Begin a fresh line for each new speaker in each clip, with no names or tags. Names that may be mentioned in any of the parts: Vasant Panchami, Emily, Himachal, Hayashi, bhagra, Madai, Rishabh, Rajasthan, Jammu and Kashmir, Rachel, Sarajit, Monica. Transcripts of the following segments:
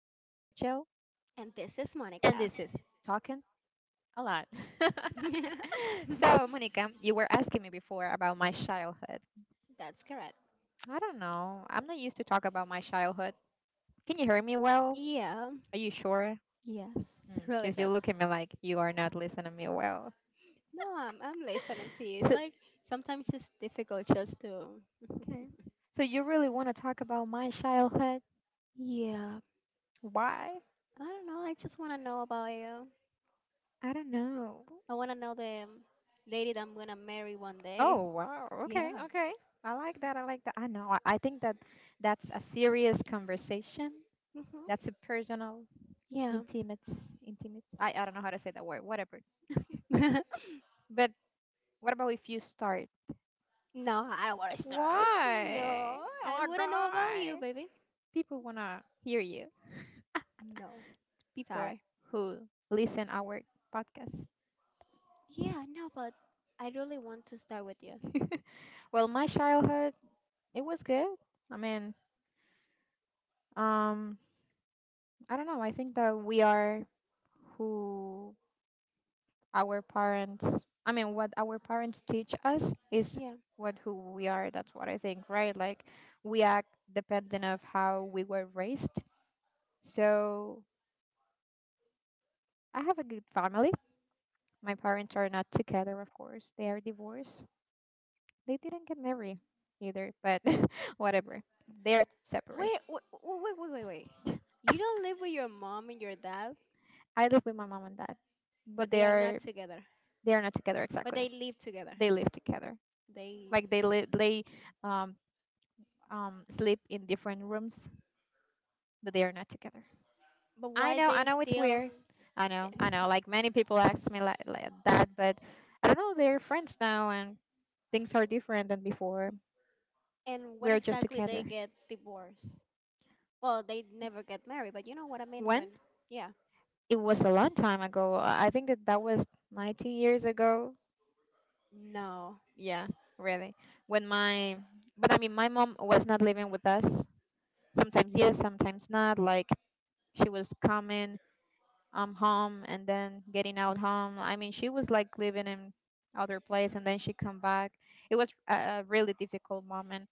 And this is Monica.
and this is Talking a Lot. So, Monica, you were asking me before about my childhood.
That's correct.
I don't know. I'm not used to talk about my childhood. Can you hear me well?
Yeah,
Are you sure?
yes, really
Because you
good.
look at me like you are not listening to me well.
No, I'm listening to you. It's
So,
like sometimes it's difficult just to.
okay. So, you really want to talk about my childhood?
Yeah,
Why?
I don't know. I just want to know about you.
I don't know.
I want to know the lady that I'm going to marry one day.
Oh wow. Okay.
Yeah.
Okay. I like that. I like that. I know. I think that that's a serious conversation.
hmm
That's a personal,
Yeah.
intimate, intimate. I don't know how to say that word. Whatever. But what about if you start?
No, I don't want to start.
Why?
No,
Oh
I
my
want to know about you,
god.
baby.
People wanna hear you.
No,
People
sorry.
who listen our podcast.
Yeah, no, but I really want to start with you.
Well, my childhood it was good. I mean, um, I don't know. I think that we are who our parents, I mean, what our parents teach us is
Yeah.
what who we are. That's what I think, right? Like, we act dependent of how we were raised. So I have a good family. My parents are not together, of course. They are divorced. They didn't get married either, but whatever, they are separate.
Wait, wait, wait, wait, wait, wait. You don't live with your mom and your dad,
I live with my mom and dad, but
but
they
they are not
are
together.
they are not together
But
exactly.
they live together.
They live together.
They.
Like they um sleep in different rooms, but they are not together.
But why
I
they
know it's
still?
weird. I know, I know. Like many people ask me like that, but I don't know. They're friends now, and things are different than before.
And
We
when
are just
exactly they
together.
get divorced? Well, they never get married. But you know what I mean
When?
when? Yeah.
It was a long time ago. I think that that was 19 years ago.
No,
Yeah, really. When my, but I mean, my mom was not living with us. Sometimes yes, sometimes not. Like she was coming home and then getting out home. I mean, she was like living in other place and then she come back. It was a really difficult moment.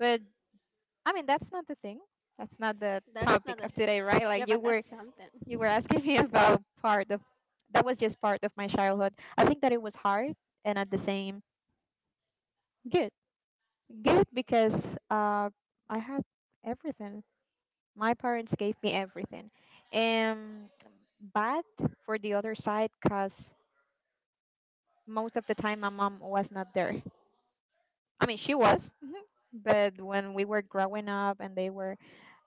But I mean, that's not the thing. That's not the
that's not
topic
a
of
thing.
today, right?
Yeah,
Like you
but that's
were you
something.
were asking me about part of that was just part of my childhood. I think that it was hard and at the same good. Good because uh I had everything. My parents gave me everything. And bad for the other side because most of the time my mom was not there. I mean, she was, mhm, but when we were growing up and they were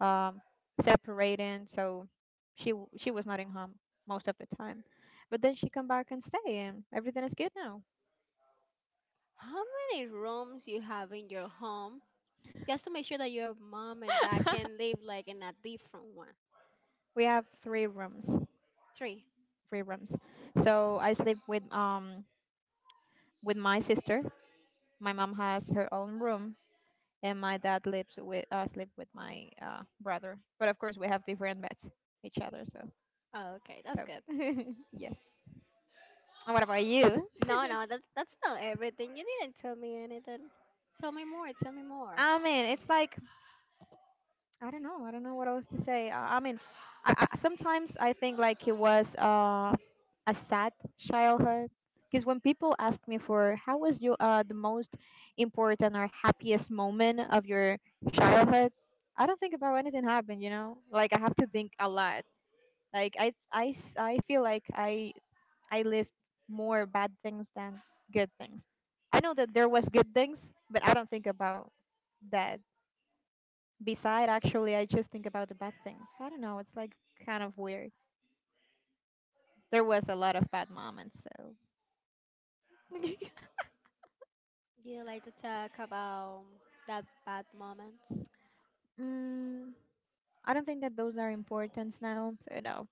um, separating, so she was not in home most of the time. But then she come back and stay, and everything is good now.
How many rooms you have in your home just to make sure that your mom and dad can live like in a different one?
We have three rooms,
Three.
three rooms. So I sleep with my sister. My mom has her own room, and my dad lives with sleep with my brother. But of course, we have different beds, each other. So.
Oh, okay, that's
So
good.
yes. And what about you?
No, no, that's not everything. You didn't tell me anything. Tell me more. Tell me more.
I mean, it's like I don't know. I don't know what else to say. I mean, sometimes I think like it was a sad childhood because when people ask me for how was your the most important or happiest moment of your childhood, I don't think about anything happened. You know, like I have to think a lot. Like I feel like I lived more bad things than good things. I know that there was good things, but I don't think about that. Beside, actually, I just think about the bad things. I don't know. It's like kind of weird. There was a lot of bad moments, so.
Do you like to talk about that bad moments?
mm, I don't think that those are important now. So no,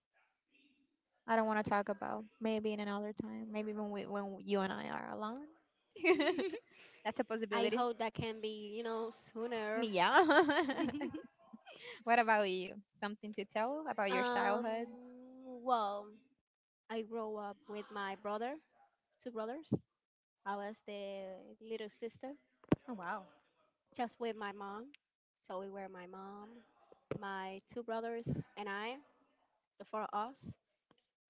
I don't want to talk about. Maybe in another time. Maybe when you and I are alone. That's a
I
possibility.
hope that can be, sooner.
Me, yeah. What about you? Something to tell about your
um,
childhood?
well, I grew up with my brother, two brothers. I was the little sister,
Oh wow.
just with my mom. So we were my mom, my two brothers, and I, the four of us.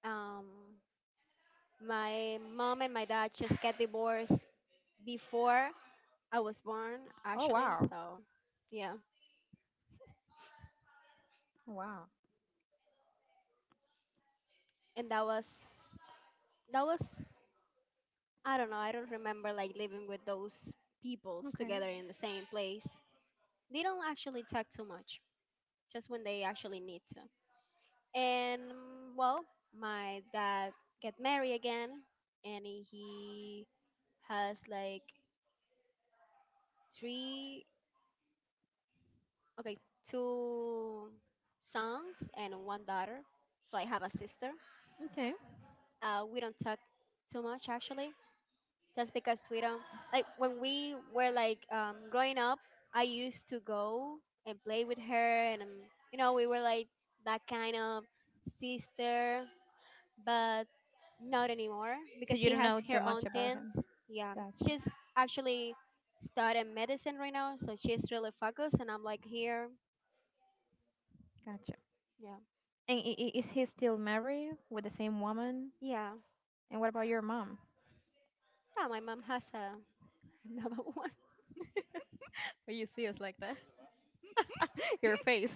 Um, My mom and my dad just get divorced before I was born,
Oh
actually.
wow.
So, yeah.
Oh, wow.
And that was I don't know. I don't remember like living with those peoples
Okay.
together in the same place. They don't actually talk too much, just when they actually need to. And well, my dad get married again, and he has like three. Okay, two sons and one daughter. So I have a sister.
Okay.
We don't talk too much actually, just because we don't like when we were like growing up. I used to go and play with her, and you know we were like that kind of sister, but not anymore
So
because
you
she
don't
has
know too
her
much
own
about
things.
him.
Yeah,
Gotcha.
she's actually studying medicine right now, so she's really focused, and I'm like here.
Gotcha.
Yeah,
And is he still married with the same woman?
yeah.
And what about your mom?
No, my mom has a, another one.
Well, you see us like that. Your face.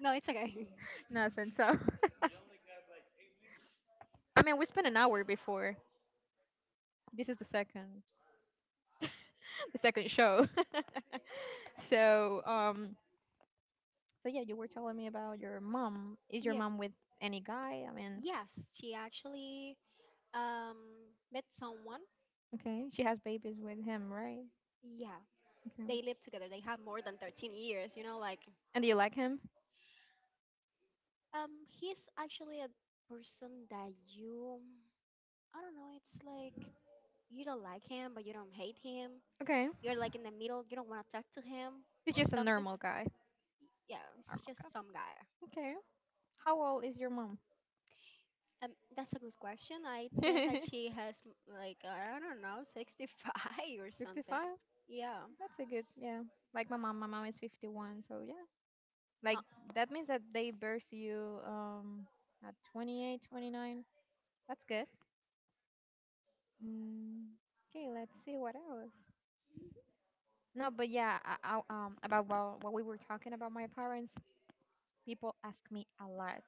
No, it's okay.
Nothing. So. I mean, we spent an hour before. This is the second, the second show. so, um, so, yeah, you were telling me about your mom. Is your
Yeah.
mom with any guy? I mean,
Yes, she actually um, met someone.
okay, she has babies with him, right?
Yeah,
Okay.
they live together. They have more than 13 years, like,
And do you like him?
he's actually a person that you, I don't know, it's like you don't like him, but you don't hate him.
Okay.
You're like in the middle, you don't want to talk to him
He's
or
just a
something.
normal guy.
Yeah, it's
Normal
just
guy.
some guy.
Okay. How old is your mom?
Um, that's a good question. I think that
55?
she has like I don't know, 65 or something.
That's
Yeah.
a good, yeah. Like my mom is 51, so yeah.
Huh.
Like that means that they birth you at 28, 29. That's good. Mm, okay, let's see what else. No, but yeah, about what we were talking about my parents, people ask me a lot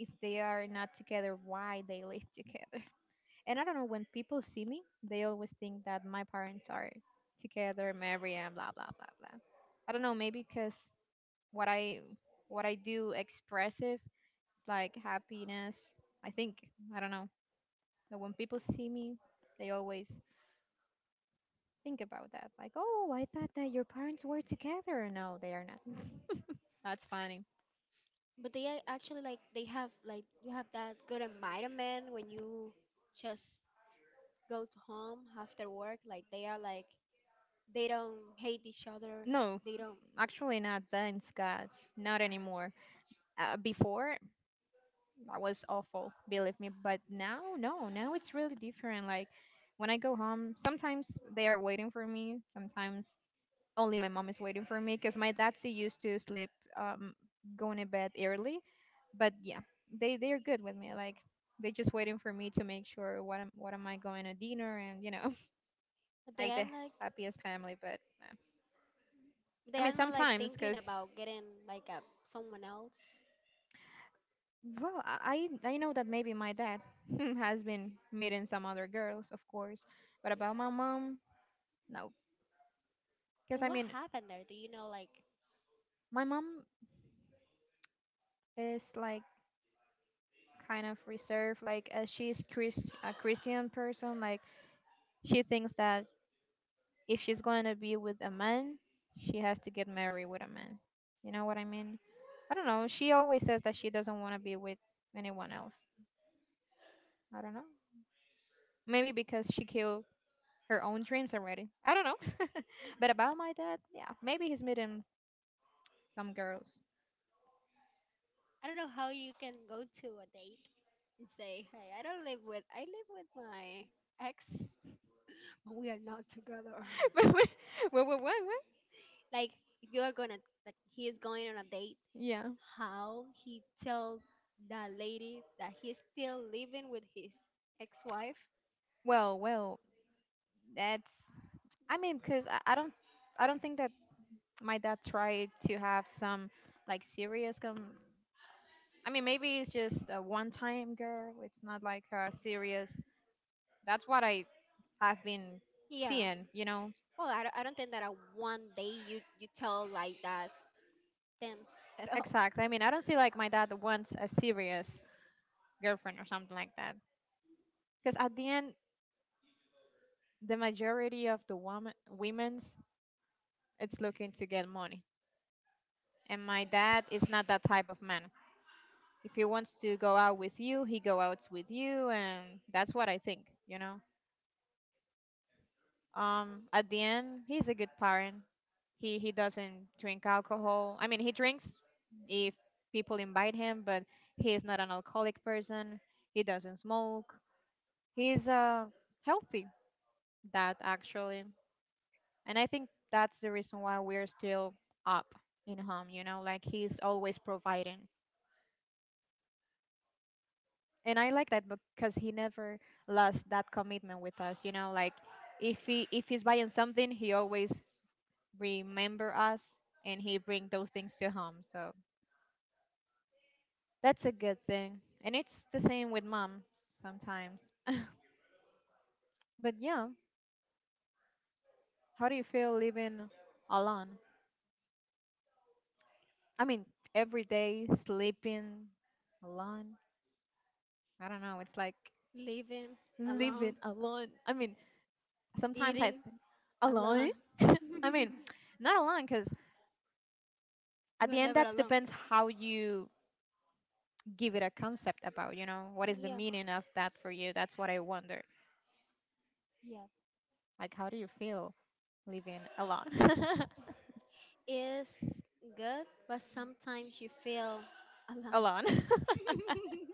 if they are not together, why they live together. And I don't know, when people see me, they always think that my parents are together, married, and blah blah blah blah. I don't know, maybe because what I what I do expressive, it's like happiness. I think I don't know. But when people see me, they always think about that. Like, oh, I thought that your parents were together. No, they are not. That's funny.
But they are actually like they have like you have that good environment when you just go to home after work. Like they are like they don't hate each other.
No,
They don't.
actually not. Thanks God, not anymore. Before that was awful, believe me. But now, no, now it's really different. Like when I go home, sometimes they are waiting for me. Sometimes only my mom is waiting for me because my dad's he used to sleep, um, going to bed early. But yeah, they're good with me. Like they're just waiting for me to make sure what am I going to dinner and you know
They
like
are
the
like
happiest family. But I
they
mean
are not like
sometimes
thinking
because
about getting like a someone else.
Well, I know that maybe my dad has been meeting some other girls, of course, but about my mom, no, because
But
I
what
mean,
happened there? Do you know like
my mom is like kind of reserved. Like, as she's Chris a Christian person, like she thinks that if she's going to be with a man, she has to get married with a man. You know what I mean? I don't know. She always says that she doesn't want to be with anyone else. I don't know. Maybe because she killed her own dreams already. I don't know. But about my dad, yeah, maybe he's meeting some girls.
I don't know how you can go to a date and say, "Hey, I don't live with. I live with my ex, but we are not together."
Wait, what? What? What? What? What?
Like, if you are gonna, like, he is going on a date,
Yeah.
how he tell that lady that he's still living with his ex-wife?
Well, that's. I mean, cause I don't think that my dad tried to have some like serious. I mean, maybe it's just a one-time girl. It's not like a serious. That's what I have been
Yeah.
seeing. You know.
Well, I don't think that a one day you tell like that sense at all.
Exactly. I mean, I don't see like my dad wants a serious girlfriend or something like that. Because at the end, the majority of the women's it's looking to get money, and my dad is not that type of man. If he wants to go out with you, he go out with you, and that's what I think. You know, at the end, he's a good parent. He doesn't drink alcohol. I mean, he drinks if people invite him, but he is not an alcoholic person. He doesn't smoke. He's healthy. That actually. And I think that's the reason why we're still up in home, you know, like he's always providing. And I like that because he never lost that commitment with us, you know, like if he's buying something, he always remember us and he bring those things to home. So that's a good thing. And it's the same with mom sometimes. But yeah, how do you feel living alone? I mean, every day sleeping alone. I don't know, it's like
Living alone,
living alone. I mean, sometimes I
eating
think alone.
alone.
I mean, not alone because
you
at
are
the end
never
that
alone.
depends how you give it a concept about, you know, what is the
Yeah.
meaning of that for you? That's what I wonder.
Yeah.
Like how do you feel living alone?
Is good, but sometimes you feel alone.
alone.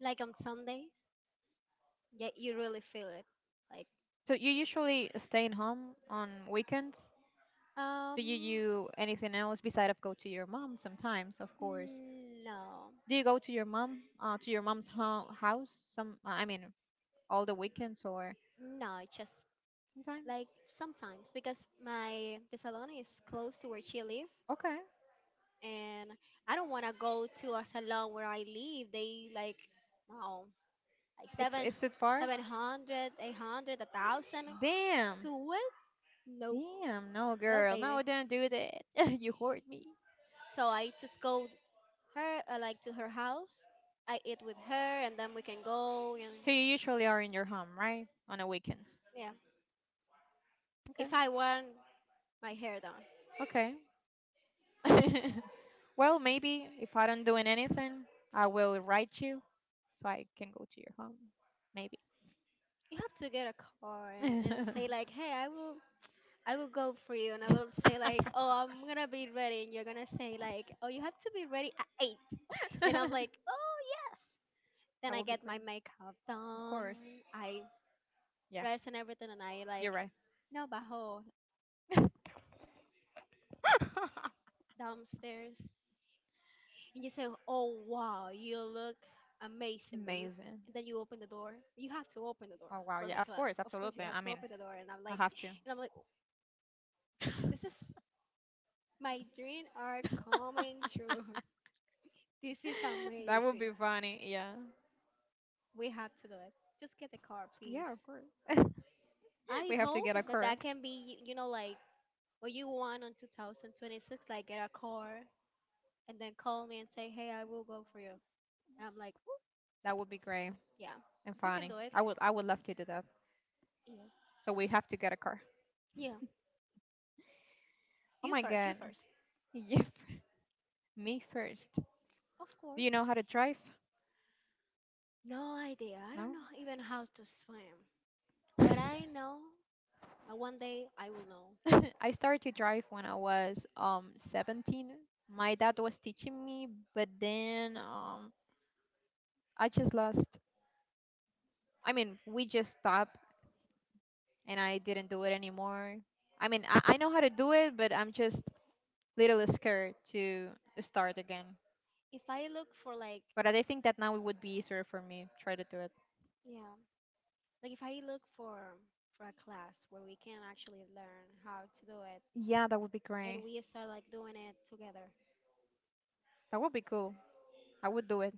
Like on Sundays, yeah, you really feel it. Like,
So you usually stay in home on weekends? Do you
um,
do anything else besides of go to your mom sometimes, of course?
no,
Do you go to your mom's house some I mean all the weekends or
no, just
Sometime.
like sometimes because my the salon is close to where she live,
Okay.
and I don't want to go to a salon where I live. They like no, like
It's
seven,
is it far?
700, 800, 1,000.
Damn.
To what? No,
Damn. No,
no,
girl. No,
baby.
don't do that. You hoard me.
So I just go her like to her house. I eat with her, and then we can go and
So you usually are in your home, right? On a weekend.
yeah. If I want my hair done,
Okay. Okay. Well, maybe if I don't doing anything, I will write you so I can go to your home. Maybe.
you have to get a car and
That
say like, hey, I will. I will go for you, and I will say like, "Oh, I'm gonna be ready," and you're gonna say like, "Oh, you have to be ready at 8. And I'm like, "Oh, yes." Then I
would be
get
great.
my makeup
Of
done,
course.
I
Yeah,
dress and everything, and I
you're
like,
right.
no bajo downstairs and you say, "Oh wow, you look amazing, baby."
Amazing.
And then you open the door. You have to open the door
Oh wow.
for
Yeah,
my
of
class.
course.
Of course, you
Absolutely.
have
I
to
mean,
open the door. And I'm
I
like,
have to.
and I'm like, this is my dream are coming true. This is
That would
amazing.
be funny. Yeah.
We have to do it. Just get the car, please.
Yeah, of course.
I
We have to
hope
get a
that
car.
that can be, like what you want on 2026. Like get a car and then call me and say, "Hey, I will go for you." And I'm like, "Ooh,
That would be great
"Yeah,
and
we can
funny.
do it."
I would love to do that.
Yeah,
So we have to get a car.
yeah.
Oh
You
my
first. You
god.
first.
Yep. Me first.
Of
Do you
course.
know how to drive?
No idea. I don't
No.
know even how to swim. But I know that one day I will know.
I started to drive when I was 17. My dad was teaching me, but then I just lost. I mean, we just stopped, and I didn't do it anymore. I mean, I know how to do it, but I'm just little scared to start again.
If I look for like
But I think that now it would be easier for me try to do it.
yeah, like if I look for a class where we can actually learn how to do it
Yeah, that would be
and
great.
we start like doing it together.
That would be cool. I would do it.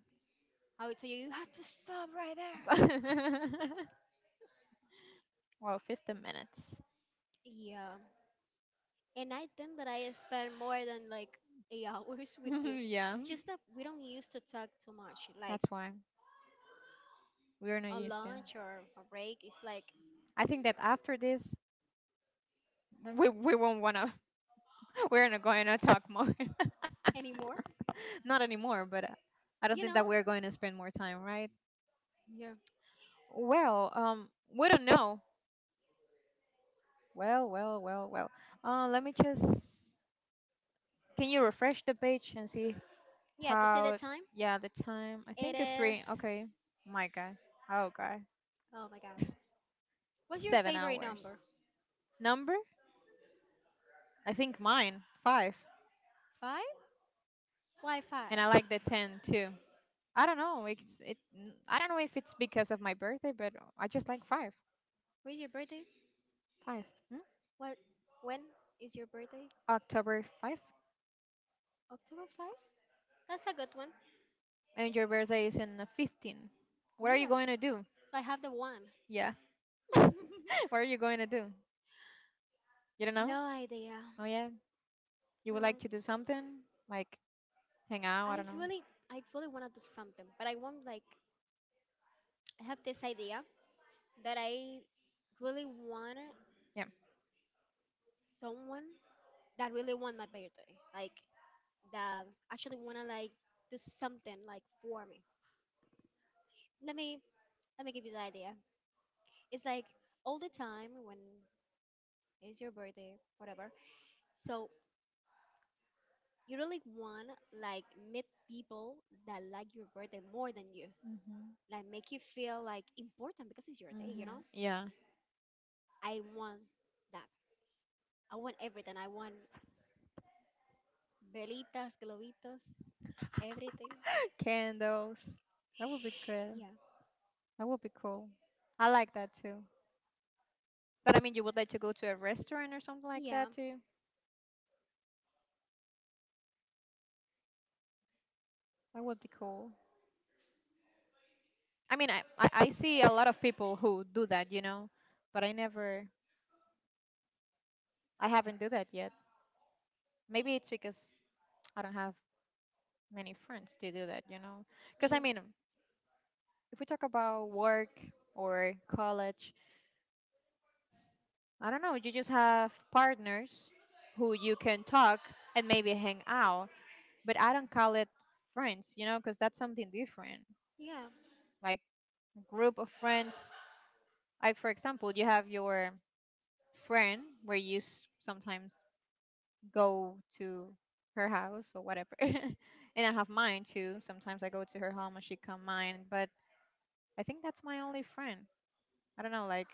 I would tell you you have to stop right there.
Wow, 15 minutes.
Yeah. And I think that I spend more than like eight hours with you.
Yeah,
Just that we don't used to talk too much. Like
that's why we're not
a
used to.
lunch or a break is like
I think that after this, we won't wanna. We're not going to talk more.
anymore.
Not anymore. But I don't
You
think that
know?
we're going to spend more time, right?
Yeah.
Well, we don't know. Well. Let me just Can you refresh the page and see
Yeah, to see the
how?
time.
Yeah, the time. I
It
think it's three.
is.
Okay. My God. Oh God.
Oh my God. What's your
Seven
favorite
hours.
number?
Number? I think mine five.
Five? Why
And
five?
I like the 10 too. I don't know. I don't know if it's because of my birthday, but I just like five.
When's your birthday?
Five. Hmm?
What? When is your birthday?
October 5th.
October 5? That's a good one.
And your birthday is in the 15th. What are you
Yes.
going to do?
So I have the one.
Yeah. What are you going to do? You don't know?
No idea.
Oh yeah. You
No,
would like to do something like hang out? I
I
don't know.
really, I really want to do something, but I want like I have this idea that I really want
Yeah.
someone that really want my birthday, like that actually want to like do something like for me. Let me Let me give you the idea. It's like all the time when it's your birthday, whatever. So you really want like meet people that like your birthday more than you.
Mhm.
Like make you feel like important because it's your day, you know?
Mhm. Yeah.
I want that. I want everything. I want velitas, globitos, everything.
Candles. That would be good.
Yeah.
That would be cool. I like that too. But I mean, you would like to go to a restaurant or something like
Yeah.
that too. That would be cool. I mean, I see a lot of people who do that, you know, but I haven't do that yet. Maybe it's because I don't have many friends to do that, you know. Because I
Yeah.
mean, if we talk about work or college, I don't know, you just have partners who you can talk and maybe hang out. But I don't call it friends, you know, because that's something different.
Yeah.
Like group of friends, like for example, you have your friend where you sometimes go to her house or whatever, and I have mine too. Sometimes I go to her home and she come mine, but I think that's my only friend. I don't know, like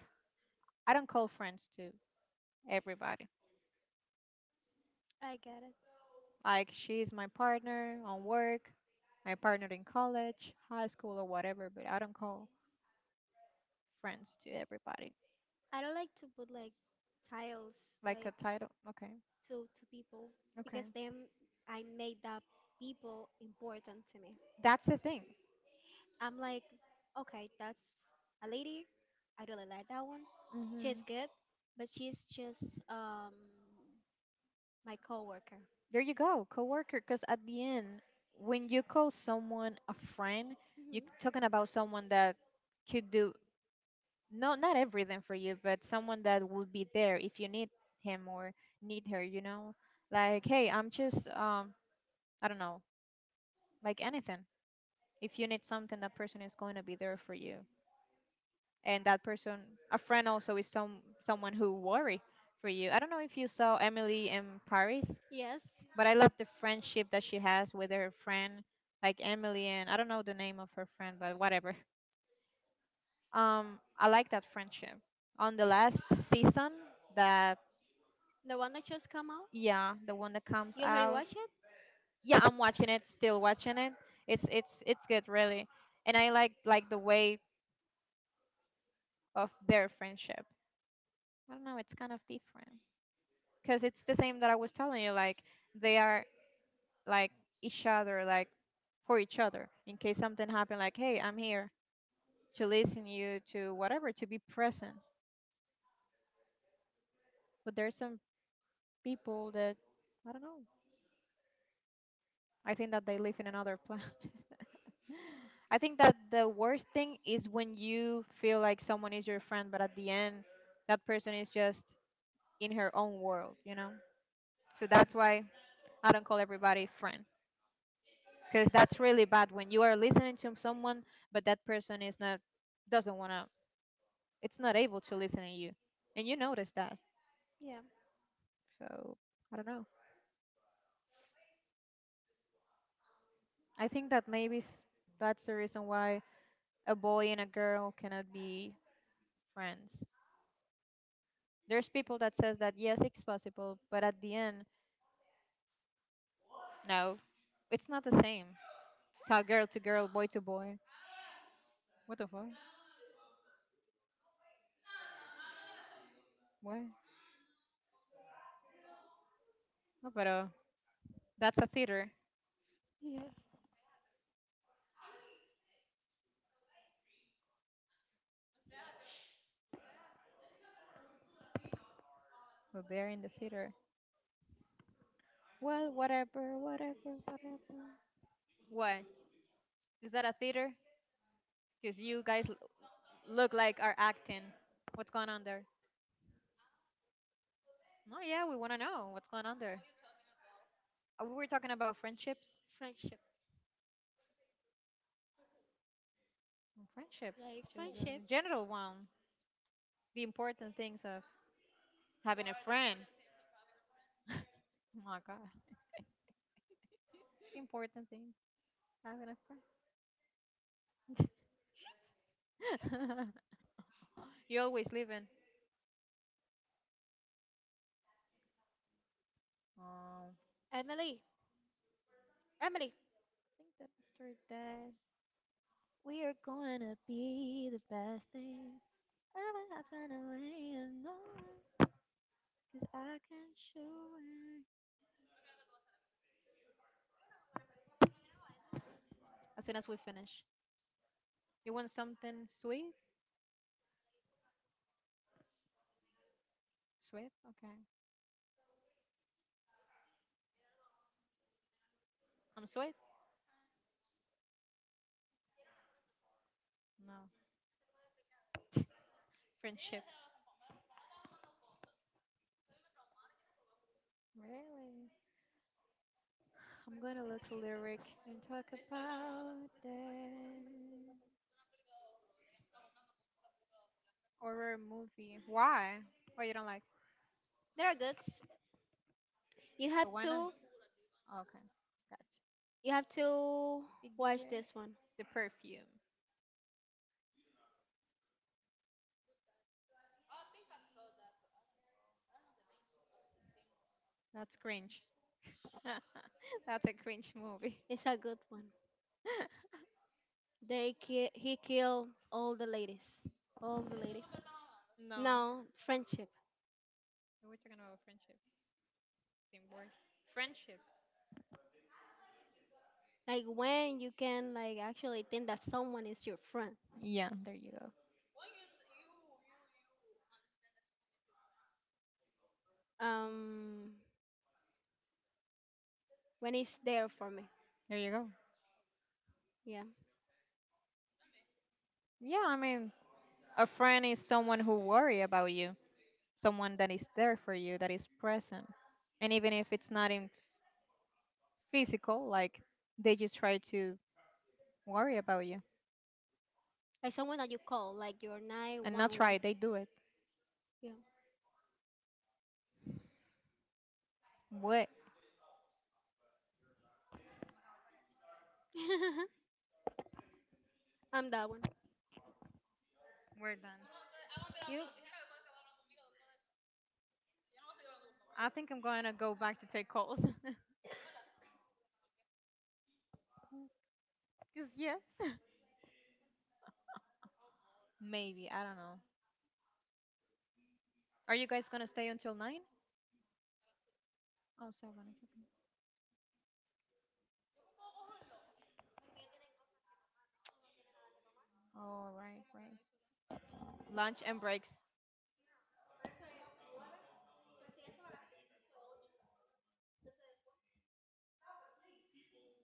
I don't call friends to everybody.
I get it.
Like she's my partner on work, my partner in college, high school or whatever, but I don't call friends to everybody.
I don't like to put like tiles
Like a
like
title. Okay,
to people because
okay,
then I made that people important to me.
that's the thing.
I'm like, okay, that's a lady. I really like that one. She's
Hmm.
good, but she's just um my coworker.
There you go, coworker. Because at the end, when you call someone a friend, you're
Hmm
talking about someone that could do no, not everything for you, but someone that will be there if you need him or need her. You know, like hey, I'm just I don't know, like anything. If you need something, that person is going to be there for you. And that person, a friend also is someone who worry for you. I don't know if you saw Emily in Paris,
Yes,
but I love the friendship that she has with her friend. Like Emily and I don't know the name of her friend, but whatever. I like that friendship on the last season that
the one that just come out.
Yeah, the one that comes
You already
out.
watched it?
Yeah, I'm watching it, still watching it. It's good, really. And I like the way of their friendship. I don't know, it's kind of different, because it's the same that I was telling you. Like they are like each other, like for each other. In case something happened, like hey, I'm here to listen you to whatever, to be present. But there's some people that I don't know. I think that they live in another planet. I think that the worst thing is when you feel like someone is your friend, but at the end, that person is just in her own world, you know. So that's why I don't call everybody friend. Because that's really bad when you are listening to someone but that person is not doesn't want to it's not able to listen to you and you notice that.
Yeah.
So I don't know, I think that maybe that's the reason why a boy and a girl cannot be friends. There's people that says that yes, it's possible, but at the end no, it's not the same. Talk girl to girl, boy to boy. What the fuck. What. No, pero that's a theater,
Yeah.
but they're in the theater. Well, whatever. What. Is that a theater? Because you guys look like are acting. What's going on there? No, yeah, we want to know what's going on there. We were talking about friendships.
Friendship,
Mm, friendship,
like
just
friendship.
a general one. The important things of having a friend. Oh my God. The important things, having a friend. You always living. I
Emily, Emily,
think that after that, we are going to be the best thing. Ever happened away and no one, 'cause I can show it. As soon as we finish. You want something sweet? Sweet? Okay. I'm sweet? No. Friendship. Really? I'm gonna look a lyric and talk about it. Horror movie. Why? Why you don't like?
there are goods. You have
But why not?
to,
Okay. Gotcha.
you have to
Figure
watch
eight.
this one.
The perfume. That's cringe. That's a cringe movie.
It's a good one. He killed all the ladies, all the ladies.
No.
No friendship.
We're talking about friendship. Same word. Friendship.
Like when you can like actually think that someone is your friend.
Yeah, there you go.
Um, when it's there for me.
There you go.
Yeah,
Yeah, I mean, a friend is someone who worry about you, someone that is there for you, that is present. And even if it's not in physical, like they just try to worry about you.
like someone that you call, like your nine
And not
one one.
try, they do it.
Yeah,
What?
I'm that one.
We're done.
You?
I think I'm gonna go back to take calls. Cause yes. Maybe, I don't know. Are you guys gonna stay until 9? Oh 7, it's okay. Oh right, right. Lunch and breaks.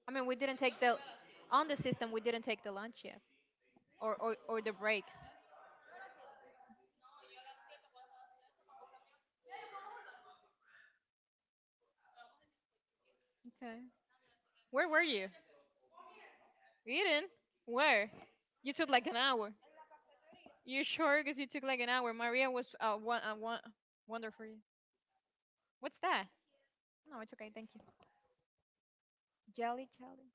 I mean we didn't take the on the system we didn't take the lunch yet. Or the breaks. Okay. Where were you? Eden? Where? You took like an hour. You sure? Because you took like an hour. Maria was wonderful. What's that? No, it's okay. Thank you. Jelly, jelly.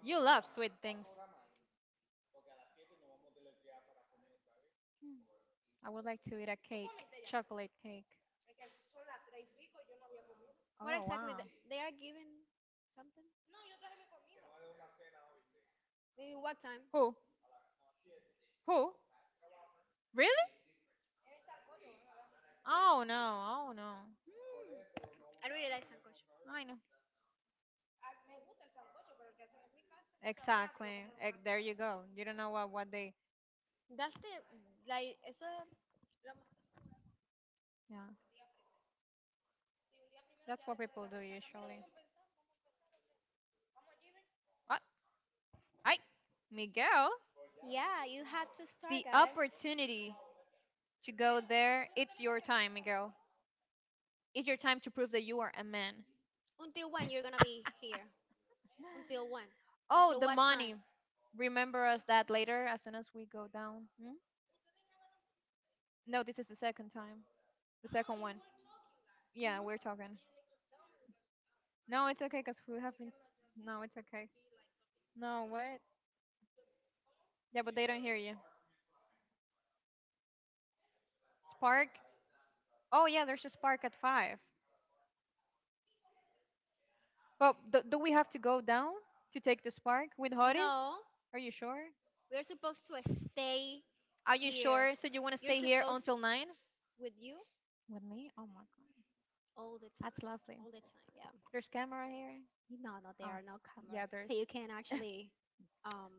You love sweet things. I would like to eat a cake, chocolate cake.
What
Oh
exactly?
wow.
They are giving something. In what time?
Who? Who? Really? Oh no. Oh no.
Hmm, I really like sancocho.
I know. Exactly. There you go. You don't know what they.
That's the like. Eso. lo ma-
Yeah. That's what people do usually. What? I. Miguel.
Yeah, you have to start,
The
guys.
opportunity to go there. It's your time, Miguel. It's your time to prove that you are a man.
Until when you're gonna be here? Until when?
Oh,
Until
the
what time?
money. Remember us that later as soon as we go down. Hmm? No, this is the second time. The second one. Yeah, we're
Hmm
talking. No, it's okay because we have been. No, it's okay. No, what? Yeah, but they don't hear you. Spark? Oh, yeah, there's a spark at 5. But do we have to go down to take the spark with Horis?
No,
Are you sure?
we're supposed to stay
Are you
here.
sure? So you want to
You're
stay here
supposed
until 9?
with you
With me? Oh my god.
all the
That's
time,
lovely.
all the time. Yeah.
There's camera here.
No, no, there
Oh,
are no
yeah,
cameras,
there's.
so you can actually, um,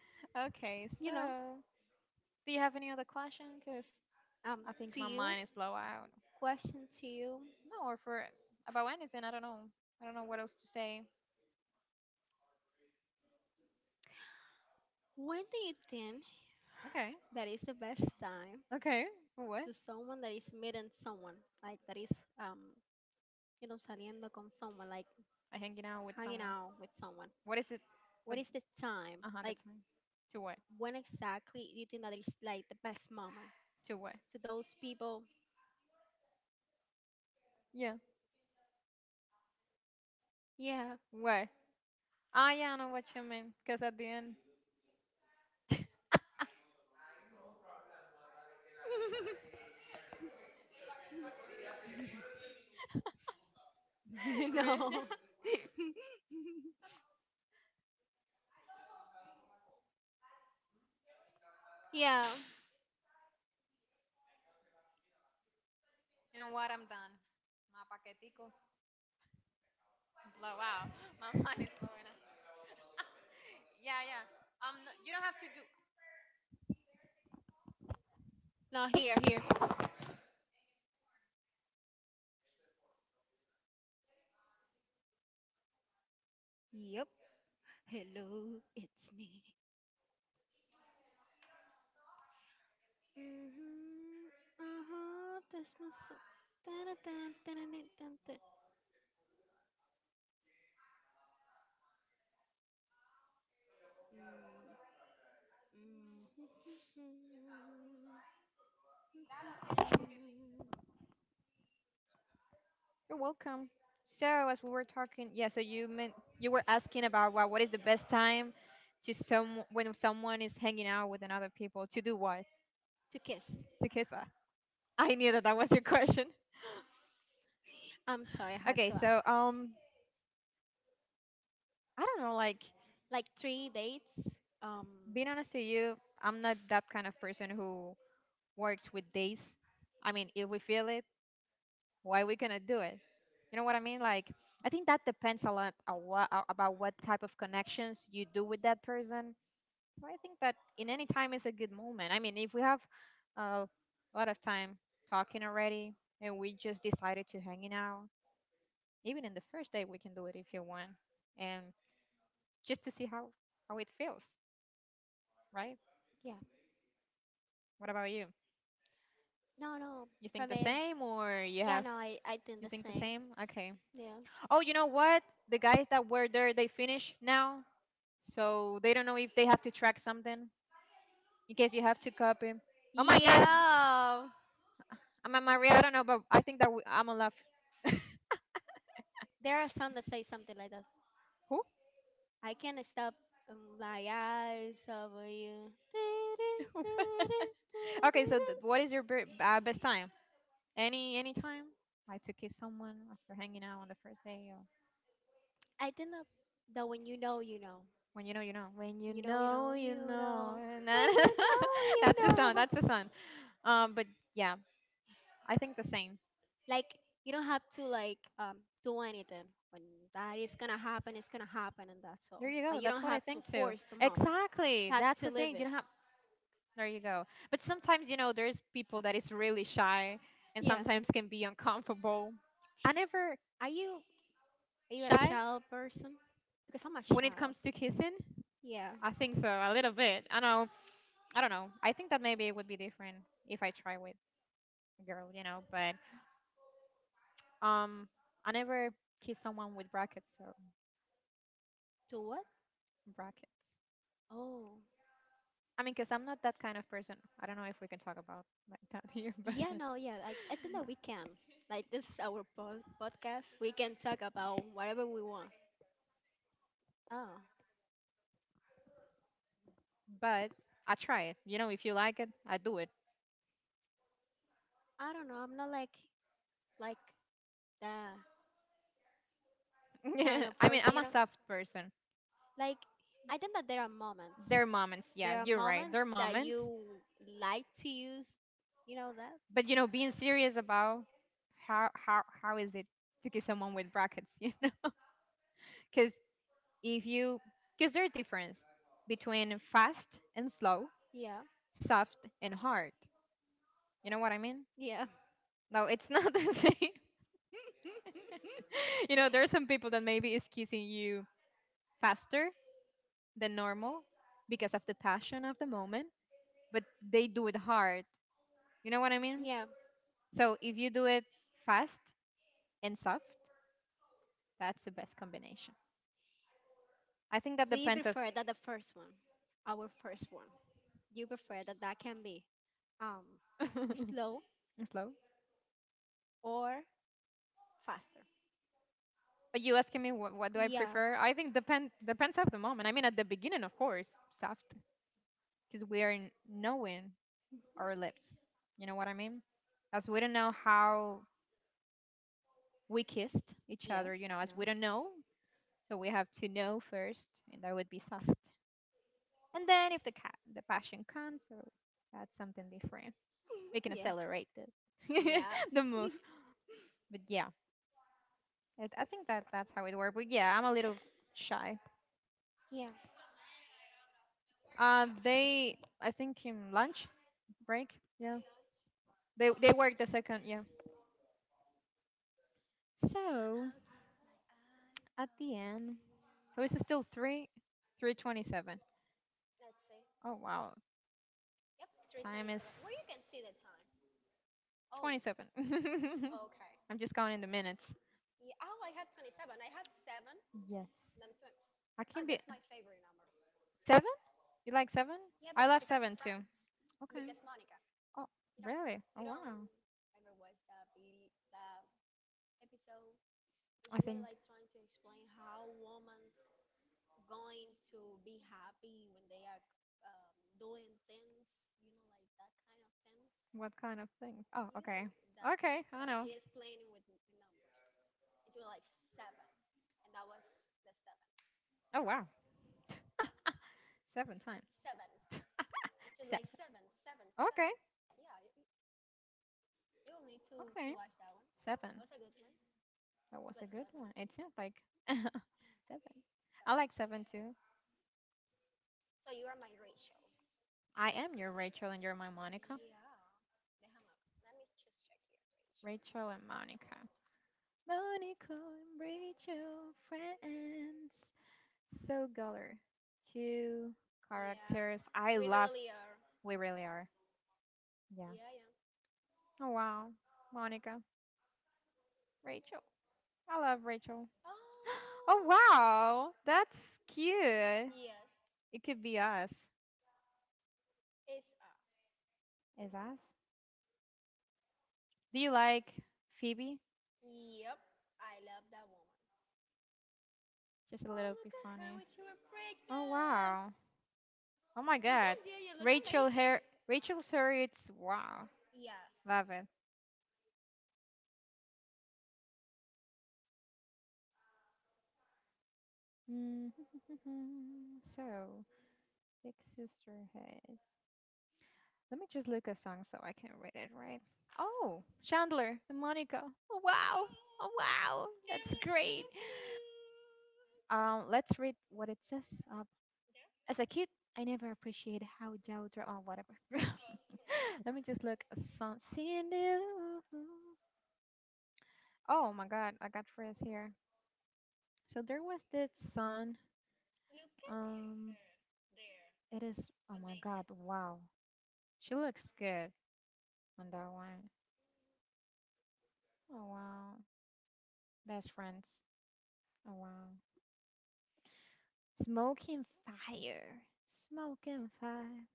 Okay,
you know,
so do you have any other question? Cause
um,
I think
to
my
you,
mind is blow out.
question to you.
No, or for about anything. I don't know. I don't know what else to say.
When do you think
Okay.
that is the best time
Okay. What?
to someone that is meeting someone, like that is, um, saliendo con someone, like
I hanging out with
hanging
someone.
out with someone?
What is it? But
What is the time?
uh huh. The
Like
time. To what?
when exactly do you think that is like the best moment
To what?
to those people?
Yeah.
Yeah,
What? Ah, yeah. I know what you mean. Cause at the end. Re-
no, yeah,
you know what? I'm done. My paquetico blow out. My mind is blowing Yeah, yeah. No, you don't have to do.
no, here, here. Yep. Hello, it's me. Mm Mhm. Uh-huh. This must. Dun, dun, dun, dun, dun, dun, dun. Mm, mhm.
You're welcome. So, as we were talking, yeah, so you meant you were asking about what is the best time to some when someone is hanging out with another people to do what?
To kiss.
To kiss her. I knew that that was your question.
I'm sorry, I had
Okay,
to ask.
so I don't know, like
Like three dates. Um.
being honest to you, I'm not that kind of person who works with days. I mean, if we feel it, why we gonna do it? You know what I mean like I think that depends a lot about what type of connections you do with that person. So I think that in any time is a good moment. I mean, if we have a lot of time talking already and we just decided to hanging out, even in the first day we can do it if you want, and just to see how it feels, right?
Yeah.
What about you?
No, no.
You think
From
the
a
same, or you
yeah,
have—
no, I think
you
the
think the
same.
same? Okay.
Yeah.
Oh, you know what, the guys that were there, they finish now, so they don't know if they have to track something in case you have to copy. Oh my God,
Yeah.
I'm a Maria. I don't know, but I think that we, I'm a love.
There are some that say something like that.
Who?
I can't stop my eyes over you.
Okay, so what is your best time? Any time? Like to kiss someone after hanging out on the first day, or
I think that, that when you know, you know.
when you know you know. When you
When you know, you
know
know,
you
you
know.
know.
And
When
then—
you know, you
that's the song.
know.
That's the song. But yeah, I think the same.
Like, you don't have to, like, do anything. When that is gonna happen, it's gonna happen, and that's
There
all.
you go.
Like, you
That's
don't
what I
have to
think too.
force the moment.
Exactly.
You have
That's
to
the
live
thing. You
it.
don't have. There you go. But sometimes, you know, there's people that is really shy and
Yeah.
sometimes can be uncomfortable. I never
Are you Are you a
shy
shy person? Because I'm a
when it
shy.
comes to kissing.
Yeah.
I think so, a little bit. I know. I don't know. I think that maybe it would be different if I try with a girl, you know, but um I never kiss someone with brackets or
To what?
brackets.
Oh.
I mean, cuz I'm not that kind of person. I don't know if we can talk about like that here, but—
Yeah, no, yeah. I think that we can. Like, this is our podcast. We can talk about whatever we want. Oh.
but I try it. You know, if you like it, I do it.
I don't know. I'm not like that kind of
I mean,
person,
I'm
you
a
know?
soft person.
Like, I think that there are moments.
Their moments, yeah,
There are
you're right.
moments
Their
that
moments.
you like to use. You know that?
But you know, being serious about how is it to kiss someone with brackets, you know? Because if you, because there's a difference between fast and slow,
Yeah.
soft and hard. You know what I mean?
Yeah.
No, it's not the same. You know, there are some people that maybe is kissing you faster than normal because of the passion of the moment, but they do it hard. You know what I mean?
Yeah.
So if you do it fast and soft, that's the best combination. I think that
Do you
depends of—
prefer that the first one? Our first one. You prefer that that can be um slow
slow.
or faster?
But you asking me what do I
Yeah.
prefer? I think depends of the moment. I mean, at the beginning, of course, soft, because we are knowing our lips. You know what I mean? As we don't know how we kissed each
Yeah.
other, you know, as we
No.
don't know, so we have to know first, and that would be soft. And then if the the passion comes, so that's something different. We can
Yeah.
accelerate the the move. But yeah, it, I think that that's how it works. But yeah, I'm a little shy.
Yeah.
They, I think, in lunch break. Yeah, they work the second. Yeah. So
Out at,
at the end, so it's still three, 3:27.
let's see.
Oh wow,
Yep,
time is
327. Where you can see the time. Oh,
27.
okay.
I'm just counting the minutes.
Yeah, oh, I had 27. I had 7.
Yes,
Then 20.
I
Oh,
can be
that's my favorite number.
seven. You like seven?
Yeah,
I love
because of
seven too.
friends. Because Monica.
Oh
You don't,
really? Oh
you don't
wow.
ever watch the, beauty the episode when
I
she were
think—
like trying to explain how women's going to be happy when they are um, doing things, you know, like that kind of things.
what kind of thing? Oh
You
okay,
know, that thing.
okay. I
So
know.
she is playing with with numbers. And she was like seven, and that was the seven.
Oh wow. Seven times.
Seven. She was like
Seven.
seven, seven,
Okay.
seven. Yeah, you'll need to
Okay.
watch that one.
Seven.
That was a good one.
That was
It's
a
like
good
seven,
one. It seems like seven. I
seven.
like seven too.
So you are my Rachel.
I am your Rachel and you're my Monica.
Yeah. Déjame. Let me just check here.
Rachel and Monica. Monica and Rachel, friends. So Guller. Two
Yeah,
characters. I
we
love—
really are.
we really are. Yeah.
Yeah, yeah.
Oh, wow. Monica. Rachel. I love Rachel.
Oh.
Oh, wow. That's cute.
Yes.
It could be us. Is us? Do you like Phoebe?
Yep, I love that woman.
Just a
Oh,
little
look
bit
at her
funny.
when she was
Oh
pregnant.
wow. Oh my
Look
god.
at you, you look
Rachel
amazing.
her— Rachel Harriet's, wow.
Yes.
Love it. Mm, so Big Sister Head. Let me just look a song so I can read it right. Oh, Chandler and Monica. Oh wow. Oh wow. That's great. Let's read what it says. Uh, As a kid, I never appreciated how Jautra or whatever. Let me just look. Some Cindy— oh my god, I got friends here. So there was this sun. Um, it is. Oh my god, wow. She looks good on that one. Oh wow. Best friends. Oh wow. Smoking fire. Smoking fire.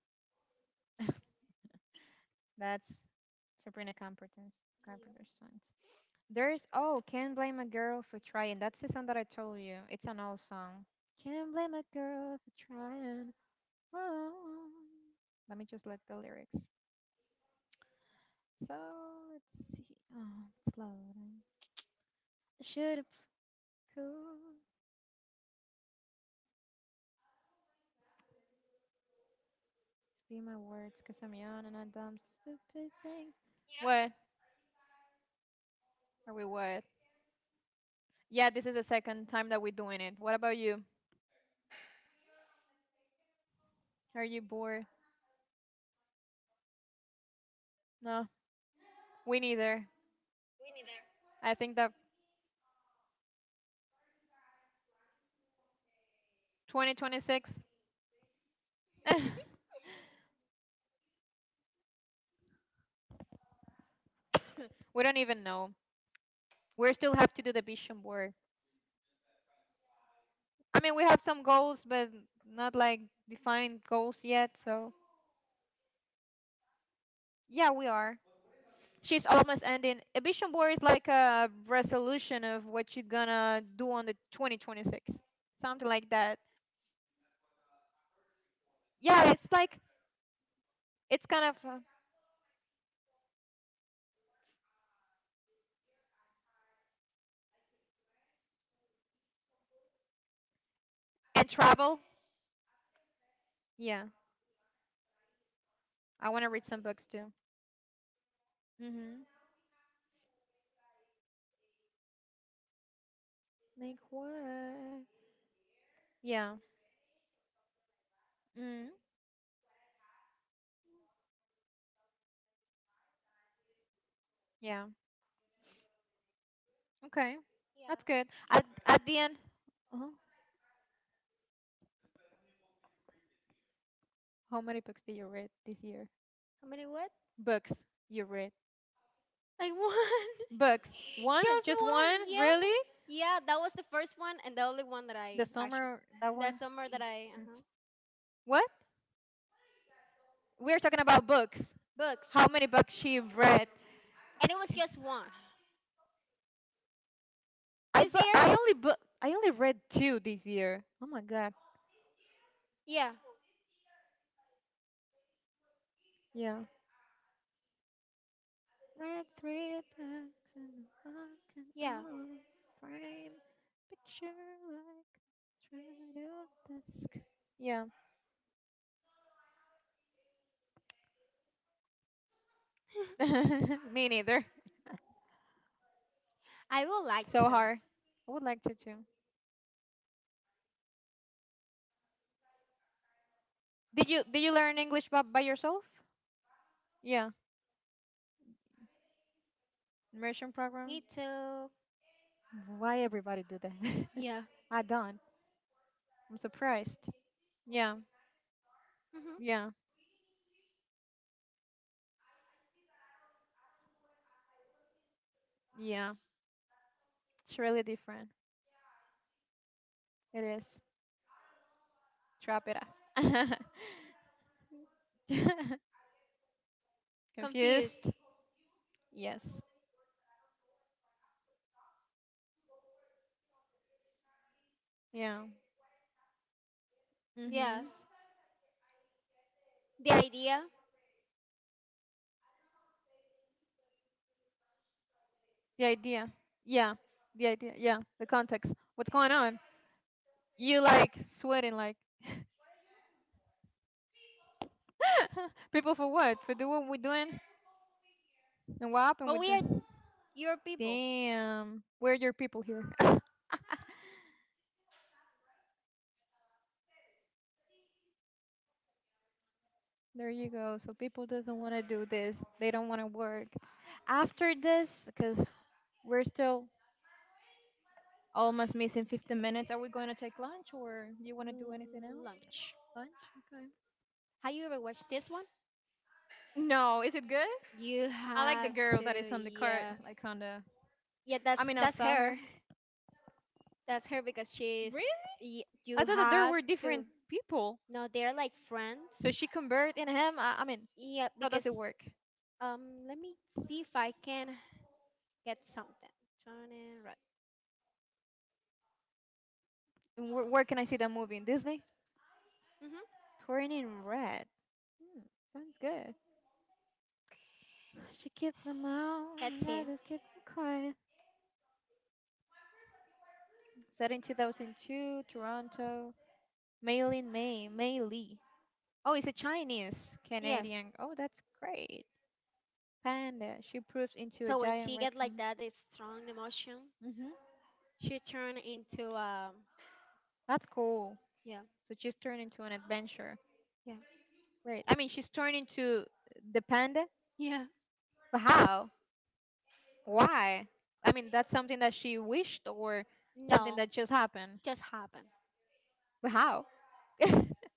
That's Sabrina Carpenter's songs. There's— oh, can't blame a girl for trying. That's the song that I told you. It's an old song. Can't blame a girl for trying. Oh. Let me just look the lyrics. So let's see. Oh, it's loading. I should have— cool. Be my words, cause I'm young and I dumb stupid things. Yeah, this is the second time that we're doing it. What about you? Are you bored? No, we neither. I think that 2026 we don't even know. We still have to do the vision board. I mean, we have some goals, but not like defined goals yet. So yeah, we are. She's almost ending. A vision board is like a resolution of what you're gonna do on the 2026, something like that. Yeah, it's like it's kind of and travel. Yeah, I want to read some books too. Mhm. Like what? Yeah. Mm. Yeah. Okay. That's good. At the end. Uh huh. How many books did you read this year?
How many what?
Books you read.
I won.
Books. One?
Just
Just
one,
one?
yeah.
Really?
Yeah, that was the first one and the only one that
The
I actually
summer that
that
one?
summer that I
Mm.
uh-huh,
What? We're talking about books.
books.
How many books she read?
And it was just one.
I
This year?
bu- I only read two this year. Oh my god.
Yeah.
Yeah. Read three books and walking
Yeah.
on frame. Picture like straight off the sky. Yeah. Me neither.
I would like
So
to.
hard. I would like to too. Did you learn English by yourself? Yeah, immersion program.
Me too.
Why everybody do that?
Yeah.
I don't. I'm surprised. Yeah,
Mhm.
yeah, yeah. It's really different. It is. Trap it up.
Confused.
Confused? Yes. Yeah. Mhm.
Yes. The idea.
The idea. Yeah. The idea. Yeah. The context. What's going on? You like sweating like people for what? For doing what we're doing? And what happened
But
with
we
the—
are your people.
damn. Where are your people here? There you go. So people doesn't want to do this. They don't want to work. After this, because we're still almost missing 15 minutes, are we going to take lunch or you want to do anything else?
Lunch.
Lunch? Okay.
Have you ever watched this one?
No, is it good?
You
I like the
have
girl that is
to,
on the cart,
yeah,
like on the.
yeah.
I mean, I
That's
saw
her.
her.
That's her because she's.
Really? I
You
thought that there
have
were
to.
different people.
No, they're like
So
friends.
she convert in him. I mean,
Yeah,
how does
because
it work?
um, let me see if I can get something. Johnny right.
And where can I see that movie in Disney?
Mhm.
Turning Red. Hmm, sounds good. She kept them out,
Let's
and I
see.
just kept them quiet. Set in 2002, Toronto. Maylin May Lee. Oh, it's a Chinese
Yes.
Canadian. Oh, that's great. Panda. She proves into a
So when
giant
she
red
get like
panda.
that, it's strong emotions.
Hmm.
She turn into.
That's cool.
Yeah.
So she's turned into an adventure.
Yeah.
Great. I mean, she's turned into the panda.
Yeah.
But how? Why? I mean, that's something that she wished or something
No,
that just happened.
just happen.
But how?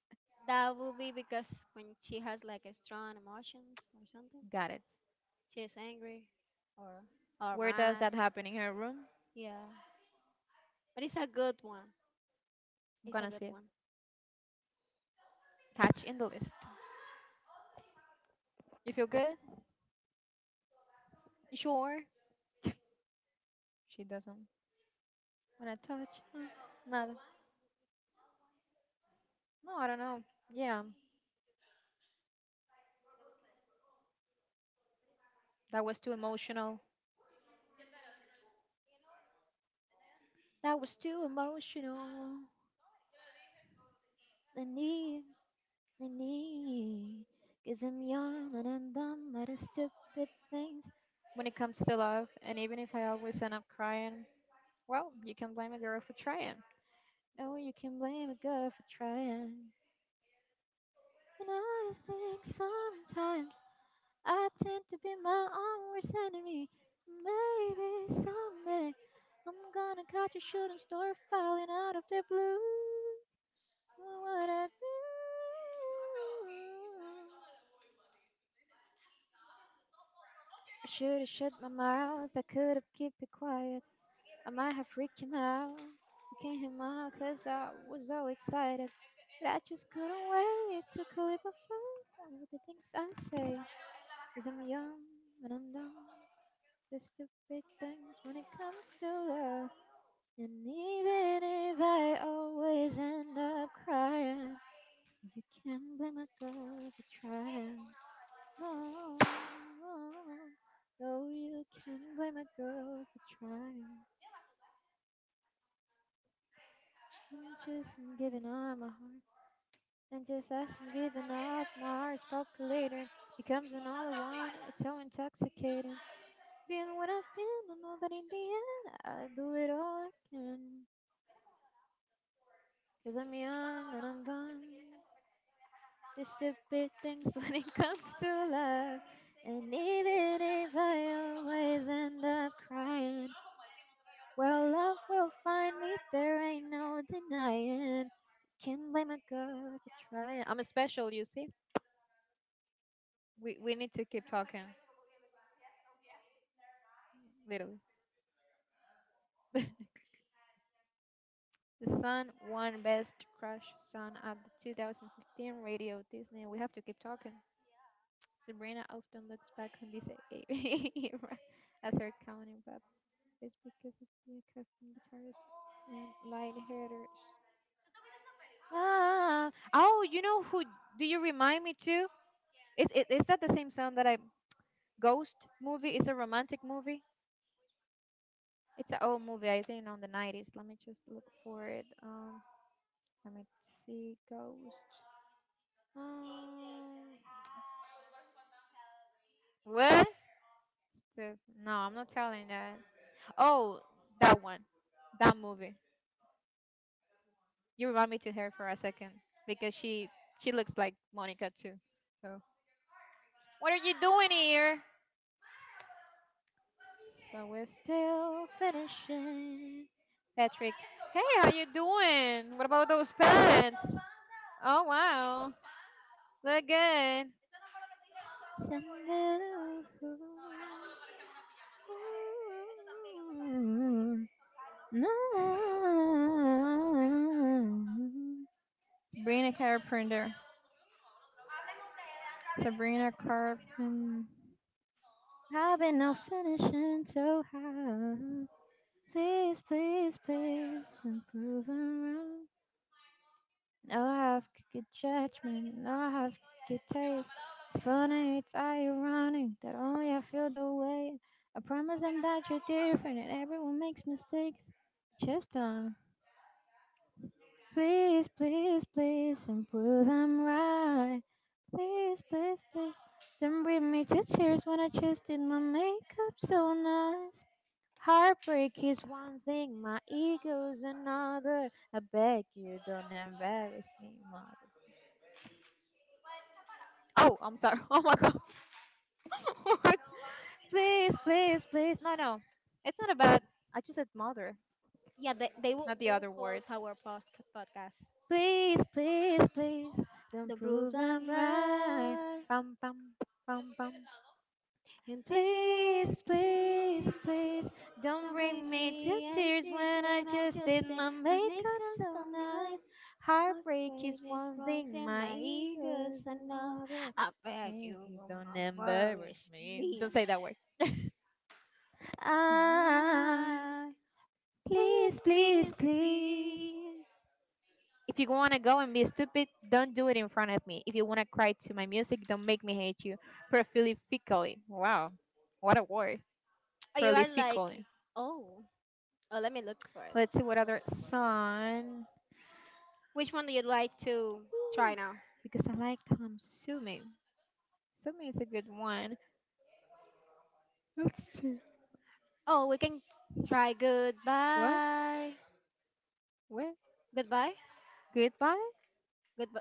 That would be because when she has like a strong emotions or something,
Got it.
she is angry or
Where does
mad.
that happen? In her room?
Yeah, but it's a good one.
I'm
It's a
gonna
good
say
one.
touch in the list. You feel good? You sure? She doesn't wanna touch. Mm, nada. No, I don't know. Yeah, that was too emotional. That was too emotional. I need, I need, cause I'm young and I'm done by the stupid things. When it comes to love, and even if I always end up crying, well, you can blame a girl for trying. Oh, you can blame a girl for trying. And I think sometimes I tend to be my own worst enemy. Maybe someday I'm gonna catch a shooting star falling out of the blue. What would I do? I should have shut my mouth. I could have kept it quiet. I might have freaked him out. I can't him out 'cause I was so excited. But I just couldn't wait. Took a leap of faith with the things I say. I'm young and I'm dumb. Just the stupid things when it comes to love. And even if I always end up crying, you can't blame a girl for trying. No, No, you can't blame a girl for trying. I'm just giving up my heart. And just as I'm giving up, my heart's populator. It comes another one, it's so intoxicating. Being what I've been, I know that in the end, I do it all I can. Cause I'm young and I'm done. The stupid things when it comes to love. And even if I always end up crying, well, love will find me. There ain't no denying. Can't blame a girl for trying. I'm a special, you see. We need to keep talking, literally. The Sun won Best Crush Song at the 2015 Radio Disney. We have to keep talking. Sabrina often looks back on this era as her crowning rap is because of the custom guitars and light headers. Ah, oh, you know who do you remind me too? Is it— is that the same sound that I— Ghost movie? It's a romantic movie. It's an old movie, I think, on the 90s. Let me just look for it. Let me see, Ghost. Um, what? The- no, I'm not telling that. Oh, that one, that movie. You remind me to her for a second because she looks like Monica too. So what are you doing here? So we're still finishing. Patrick, hey, how you doing? What about those pants? Oh wow, look good. No. Sabrina Carpenter. Sabrina Carpenter. I've been no finishing so hard. Please, please, please, I'm proven wrong. No, I have good judgment, no, I have good taste. It's funny, it's ironic that only I feel the way. I promise I'm that you're different and everyone makes mistakes. Just don't. Please, please, please, and prove I'm right. Please, please, please, don't bring me to tears when I just did my makeup so nice. Heartbreak is one thing, my ego's another. I beg you, don't embarrass me, mother. Oh, please, please, please, no, no, uh, I sure.
Yeah, they will
Not
they will close our podcast.
please, please, please, don't
The proof
prove
I'm
I'm right.
right,
Bum, bum, bum, bum.
and
Please,
please,
please,
please,
please,
please
don't
don't
bring
bring
me to
me
tears
ashes
when I
when I
just
just
did
stay.
my
My
makeup
makeup's so
so nice.
nice. My
Heartbreak
brain
is
is
one thing,
broken,
my
my
ego
ego's
is
enough.
another.
I beg
Please,
you,
you
oh
don't
my
embarrass
worries,
me.
me.
Don't say that word. Ah,
Time. Please,
please, please,
please,
please.
please.
If you want to go and be stupid, don't do it in front of me. If you want to cry to my music, don't make me hate you. Prolifically. Wow. What a word.
Oh, you are like,
Prolifically.
oh, oh, let me look for it.
Let's see what other song.
Which one do you like to try
Ooh,
now?
because I like Tom Sume. Sume is a good one. Let's see.
Oh, we can try
What?
goodbye.
What?
Goodbye?
Goodbye?
Goodbye.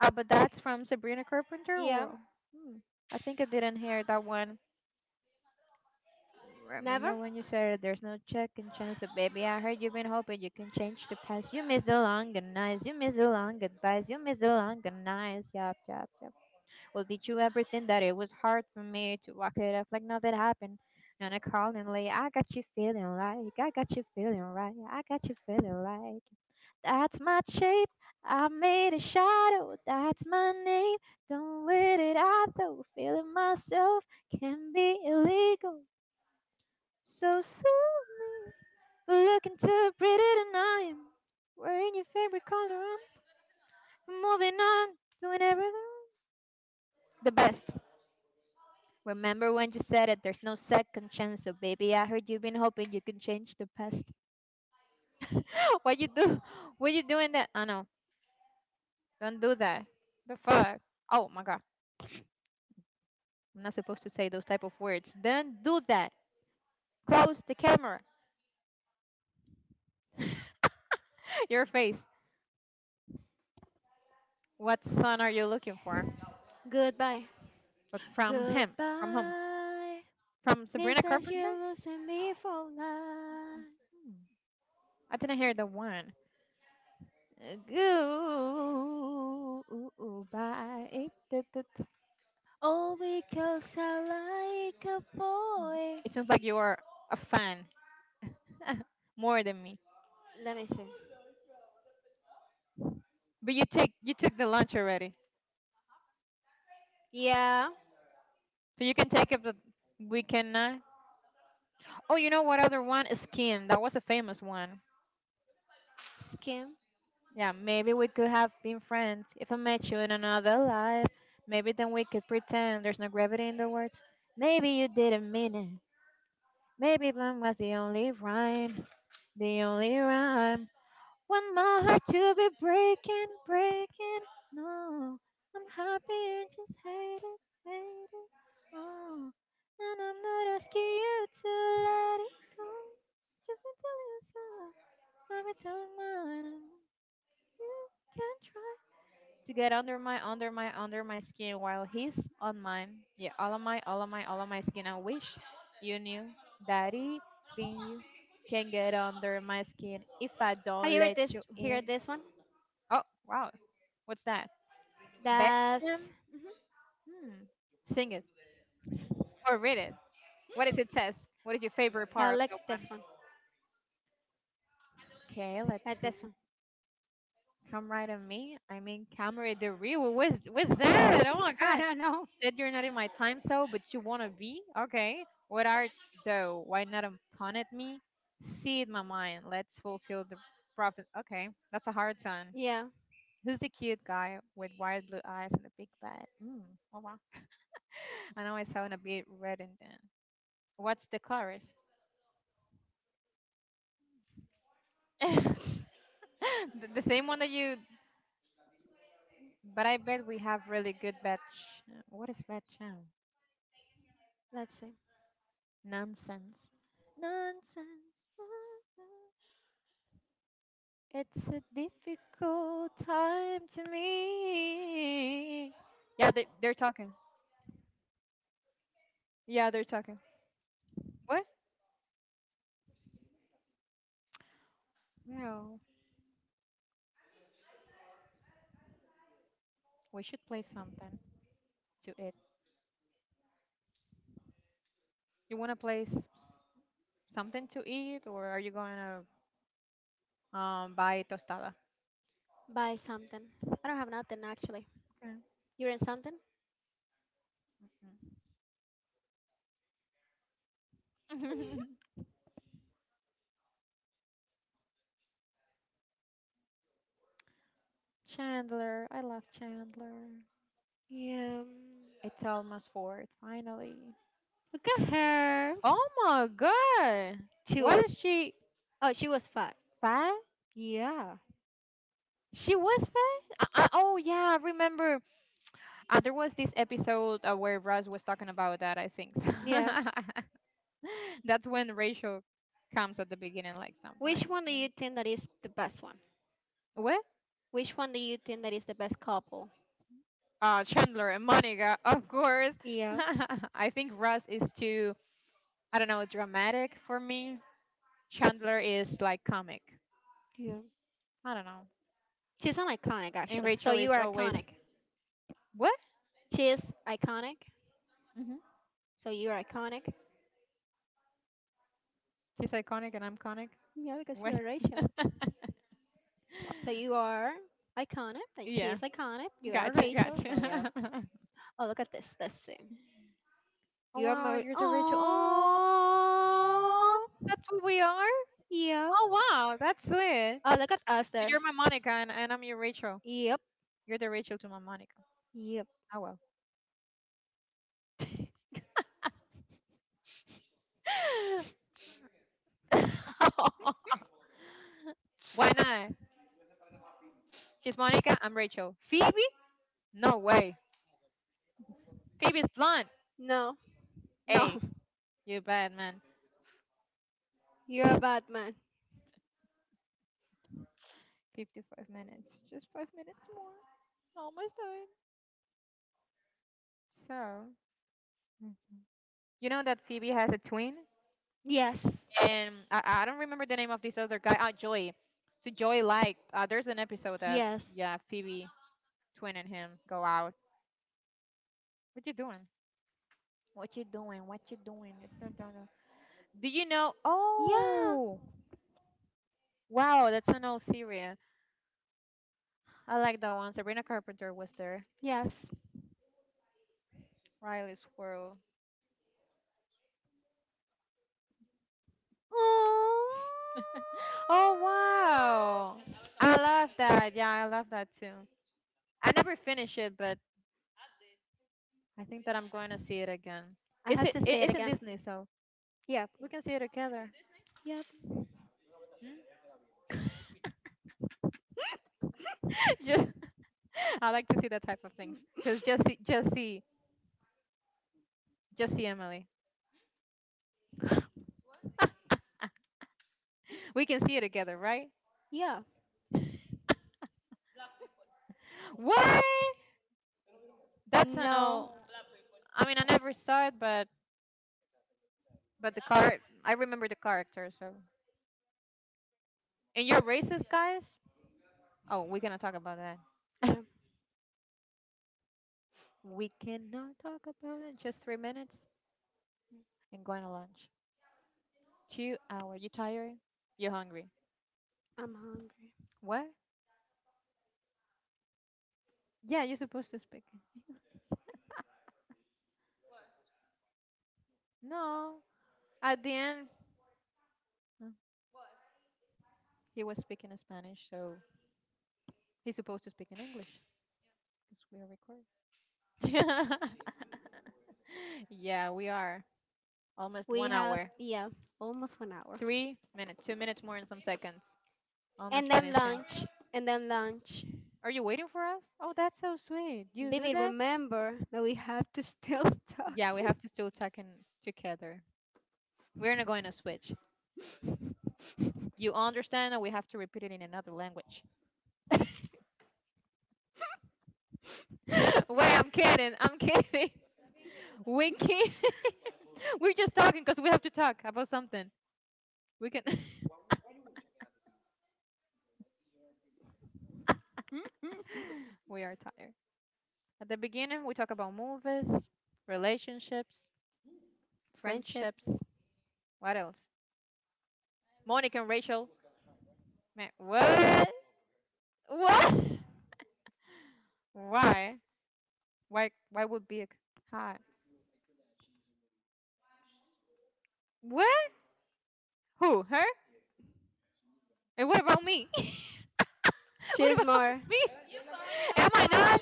But that's from Sabrina Carpenter
Yeah.
or. Hmm, I think I didn't hear that one.
Never?
Remember when you said there's no second chance, so baby? I heard you've been hoping you can change the past. You miss the long good nights, you miss the long goodbyes, you miss the long good nights. Yep, yep, yep. Well, did you ever think that it was hard for me to walk it off like nothing happened? And I called him like, I got you feeling like, I got you feeling right, I got you feeling like. That's my shape, I made a shadow, that's my name. Don't wait it out though, feeling myself can be illegal. So soothing, but looking too pretty tonight. Wearing your favorite color, I'm moving on, doing everything the best. Remember when you said it? There's no second chance. So, baby, I heard you've been hoping you can change the past. What you do? What you doing that? Oh no! Don't do that. The fuck? Oh my god! I'm not supposed to say those type of words. Don't do that. Close the camera. Your face. What son are you looking for?
Goodbye.
But from him. From whom?
Goodbye.
From
Means
Sabrina
that
Carpenter?
you're losing me for life.
Hmm. I didn't hear the one. Goodbye. It
All because I like a boy.
sounds like you are a fan. More than me.
Let me see.
But you took the lunch already,
Yeah.
so you can take it. But we cannot. Oh, you know what other one? Skin. That was a famous one.
Skim.
Yeah, maybe we could have been friends if I met you in another life. Maybe then we could pretend there's no gravity in the words. Maybe you didn't mean it. Maybe blunt was the only rhyme, the only rhyme. Want my heart to be breaking, breaking. No, I'm happy and just hate it, hate it. Oh, and I'm not asking you to let it go. Just be telling us all. So be telling mine. You can try to get under my, under my, under my skin while he's on mine. Yeah, all of my, all of my, all of my skin. I wish you knew, Daddy, being you can get under my skin if I
Have
don't
you heard
let
this?
you
Hear
in.
this one?
Oh, wow. What's that? Bam?
That's. Mhm.
Hmm. Sing it or read it. What does it says? What is your favorite
I
part of
like
that
this
one?
one.
Okay, let's
Like
see.
this one.
Come right at me. I mean, Camry the real. What's that? Oh my
I
god.
don't know.
Said you're not in my time zone, but you wanna be? Okay. What art though? Why not pun at me? See it, my mind. Let's fulfill the prophet. Okay, that's a hard one.
Yeah,
Who's the cute guy with wide blue eyes and a big bat? Mm. Oh wow. I know I sound a bit reddened then. What's the chorus? the, the same one that you. But I bet we have really good bad. What is bad chow?
let's see.
Nonsense. Nonsense. It's a difficult time to me. Yeah, yeah, they're talking. What? No, we should play something to eat. You wanna play s- Something to eat, or are you gonna buy tostada?
Buy something. I don't have nothing actually. You're in something?
Okay. Chandler, I love Chandler.
Yeah.
It's almost fourth, finally.
Look at her.
Oh my god.
She
What
was.
is she
Oh, she was fat.
fat?
Yeah.
She was fat? Oh yeah, I remember. There was this episode where Russ was talking about that, I think.
Yeah.
That's when Rachel comes at the beginning, like something like
Which one do
that.
you think that is the best one?
What?
Which one do you think that is the best couple?
Chandler and Monica, of course.
Yeah.
I think Russ is too, I don't know, dramatic for me. Chandler is like comic.
Yeah.
I don't know.
She's an iconic,
And
actually. So
Rachel
you
is
are
always
iconic.
what?
She is iconic.
Hmm.
So you are iconic.
She's iconic, and I'm conic.
Yeah, because you
What?
are Rachel. So you are iconic, and she
Yeah,
is iconic. You are
gotcha,
Rachel. So
gotcha.
yeah. Oh, look at this. Let's see.
Oh
You are
wow,
Marie.
you're the Rachel. Oh, aw,
Oh,
that's who we are.
yeah.
Oh wow, that's sweet.
Oh, look at us
So
there.
you're my Monica, and, I'm your Rachel.
Yep.
You're the Rachel to my Monica.
Yep.
Oh well. Why not? She's Monica. I'm Rachel. Phoebe? No way. Phoebe's blonde.
No.
Hey,
No.
you bad man.
You're a bad man.
55 minutes. Just 5 minutes more. Almost done. So, you know that Phoebe has a twin?
Yes.
And I don't remember the name of this other guy. Ah, Joey. So, Joey, like, there's an episode that,
Yes.
yeah, Phoebe, twin, and him go out. What you doing? What you doing? What you doing? Dun, dun, dun. Do you know?
Yeah.
Oh, wow, that's an old series. I like that one. Sabrina Carpenter was there.
Yes.
Riley Squirrel.
Aww.
Oh, wow. I love that. Yeah, I love that too. I never finished it, but I think that I'm going to see it again.
I
It's
have
it,
to
it
say it
it's in
again.
Disney, so
Yep.
we can see it together.
Yep.
just I like to see that type of things
Mm,
because just see Emily. We can see it together, right?
Yeah.
What? That's an
No.
old. I mean, I never saw it, but the car. I remember the character. So, and you're racist, guys. Oh, we're gonna talk about that.
Yeah.
We cannot talk about it. Just 3 minutes and going to lunch. 2 hour. You tired? You're hungry.
I'm hungry.
What? Yeah, you're supposed to speak. No, at the end, no, he was speaking in Spanish, so he's supposed to speak in English. Yeah, we are almost
We
one
have
hour,
yeah, almost 1 hour.
3 minutes, 2 minutes more, and some seconds.
And
Almost
then
finishing.
lunch. And then lunch.
Are you waiting for us? Oh, that's so sweet. You do
Baby,
that?
remember that we have to still talk.
Yeah, we have to still talk in together. We're not going to switch. You understand that we have to repeat it in another language. Wait, I'm kidding. I'm kidding. We can. We're just talking because we have to talk about something. We can. We are tired. At the beginning, we talk about movies, relationships,
Friendships.
friendships. What else? Monica and Rachel. Man, what? What? Why? Why? Why would be a hot? What? Who? Her? And what about me? What
Cheers
about
more.
me? Am I not?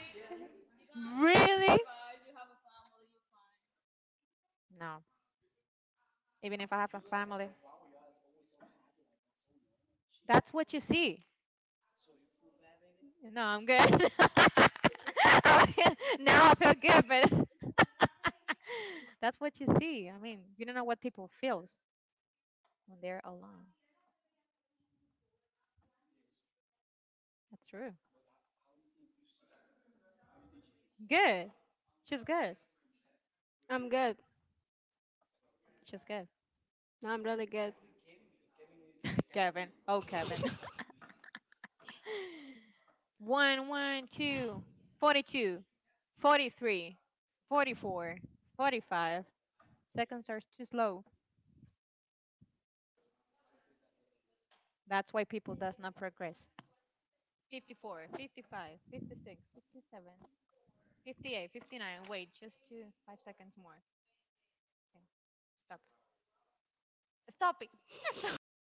Really? No. Even if I have a family, that's what you see. No, I'm good. I feel- now I feel good, but that's what you see. I mean, you don't know what people feels when they're alone. That's true. Good. She's good.
I'm good.
She's good.
No, I'm really good.
Kevin. Oh, Kevin. One, one, two, 42, 43, 44, 45. Seconds are too slow. That's why people does not progress. 54, 55, 56, 57. 58, 59. Wait, just two, 5 seconds more. Okay, stop. Stop it. Stop.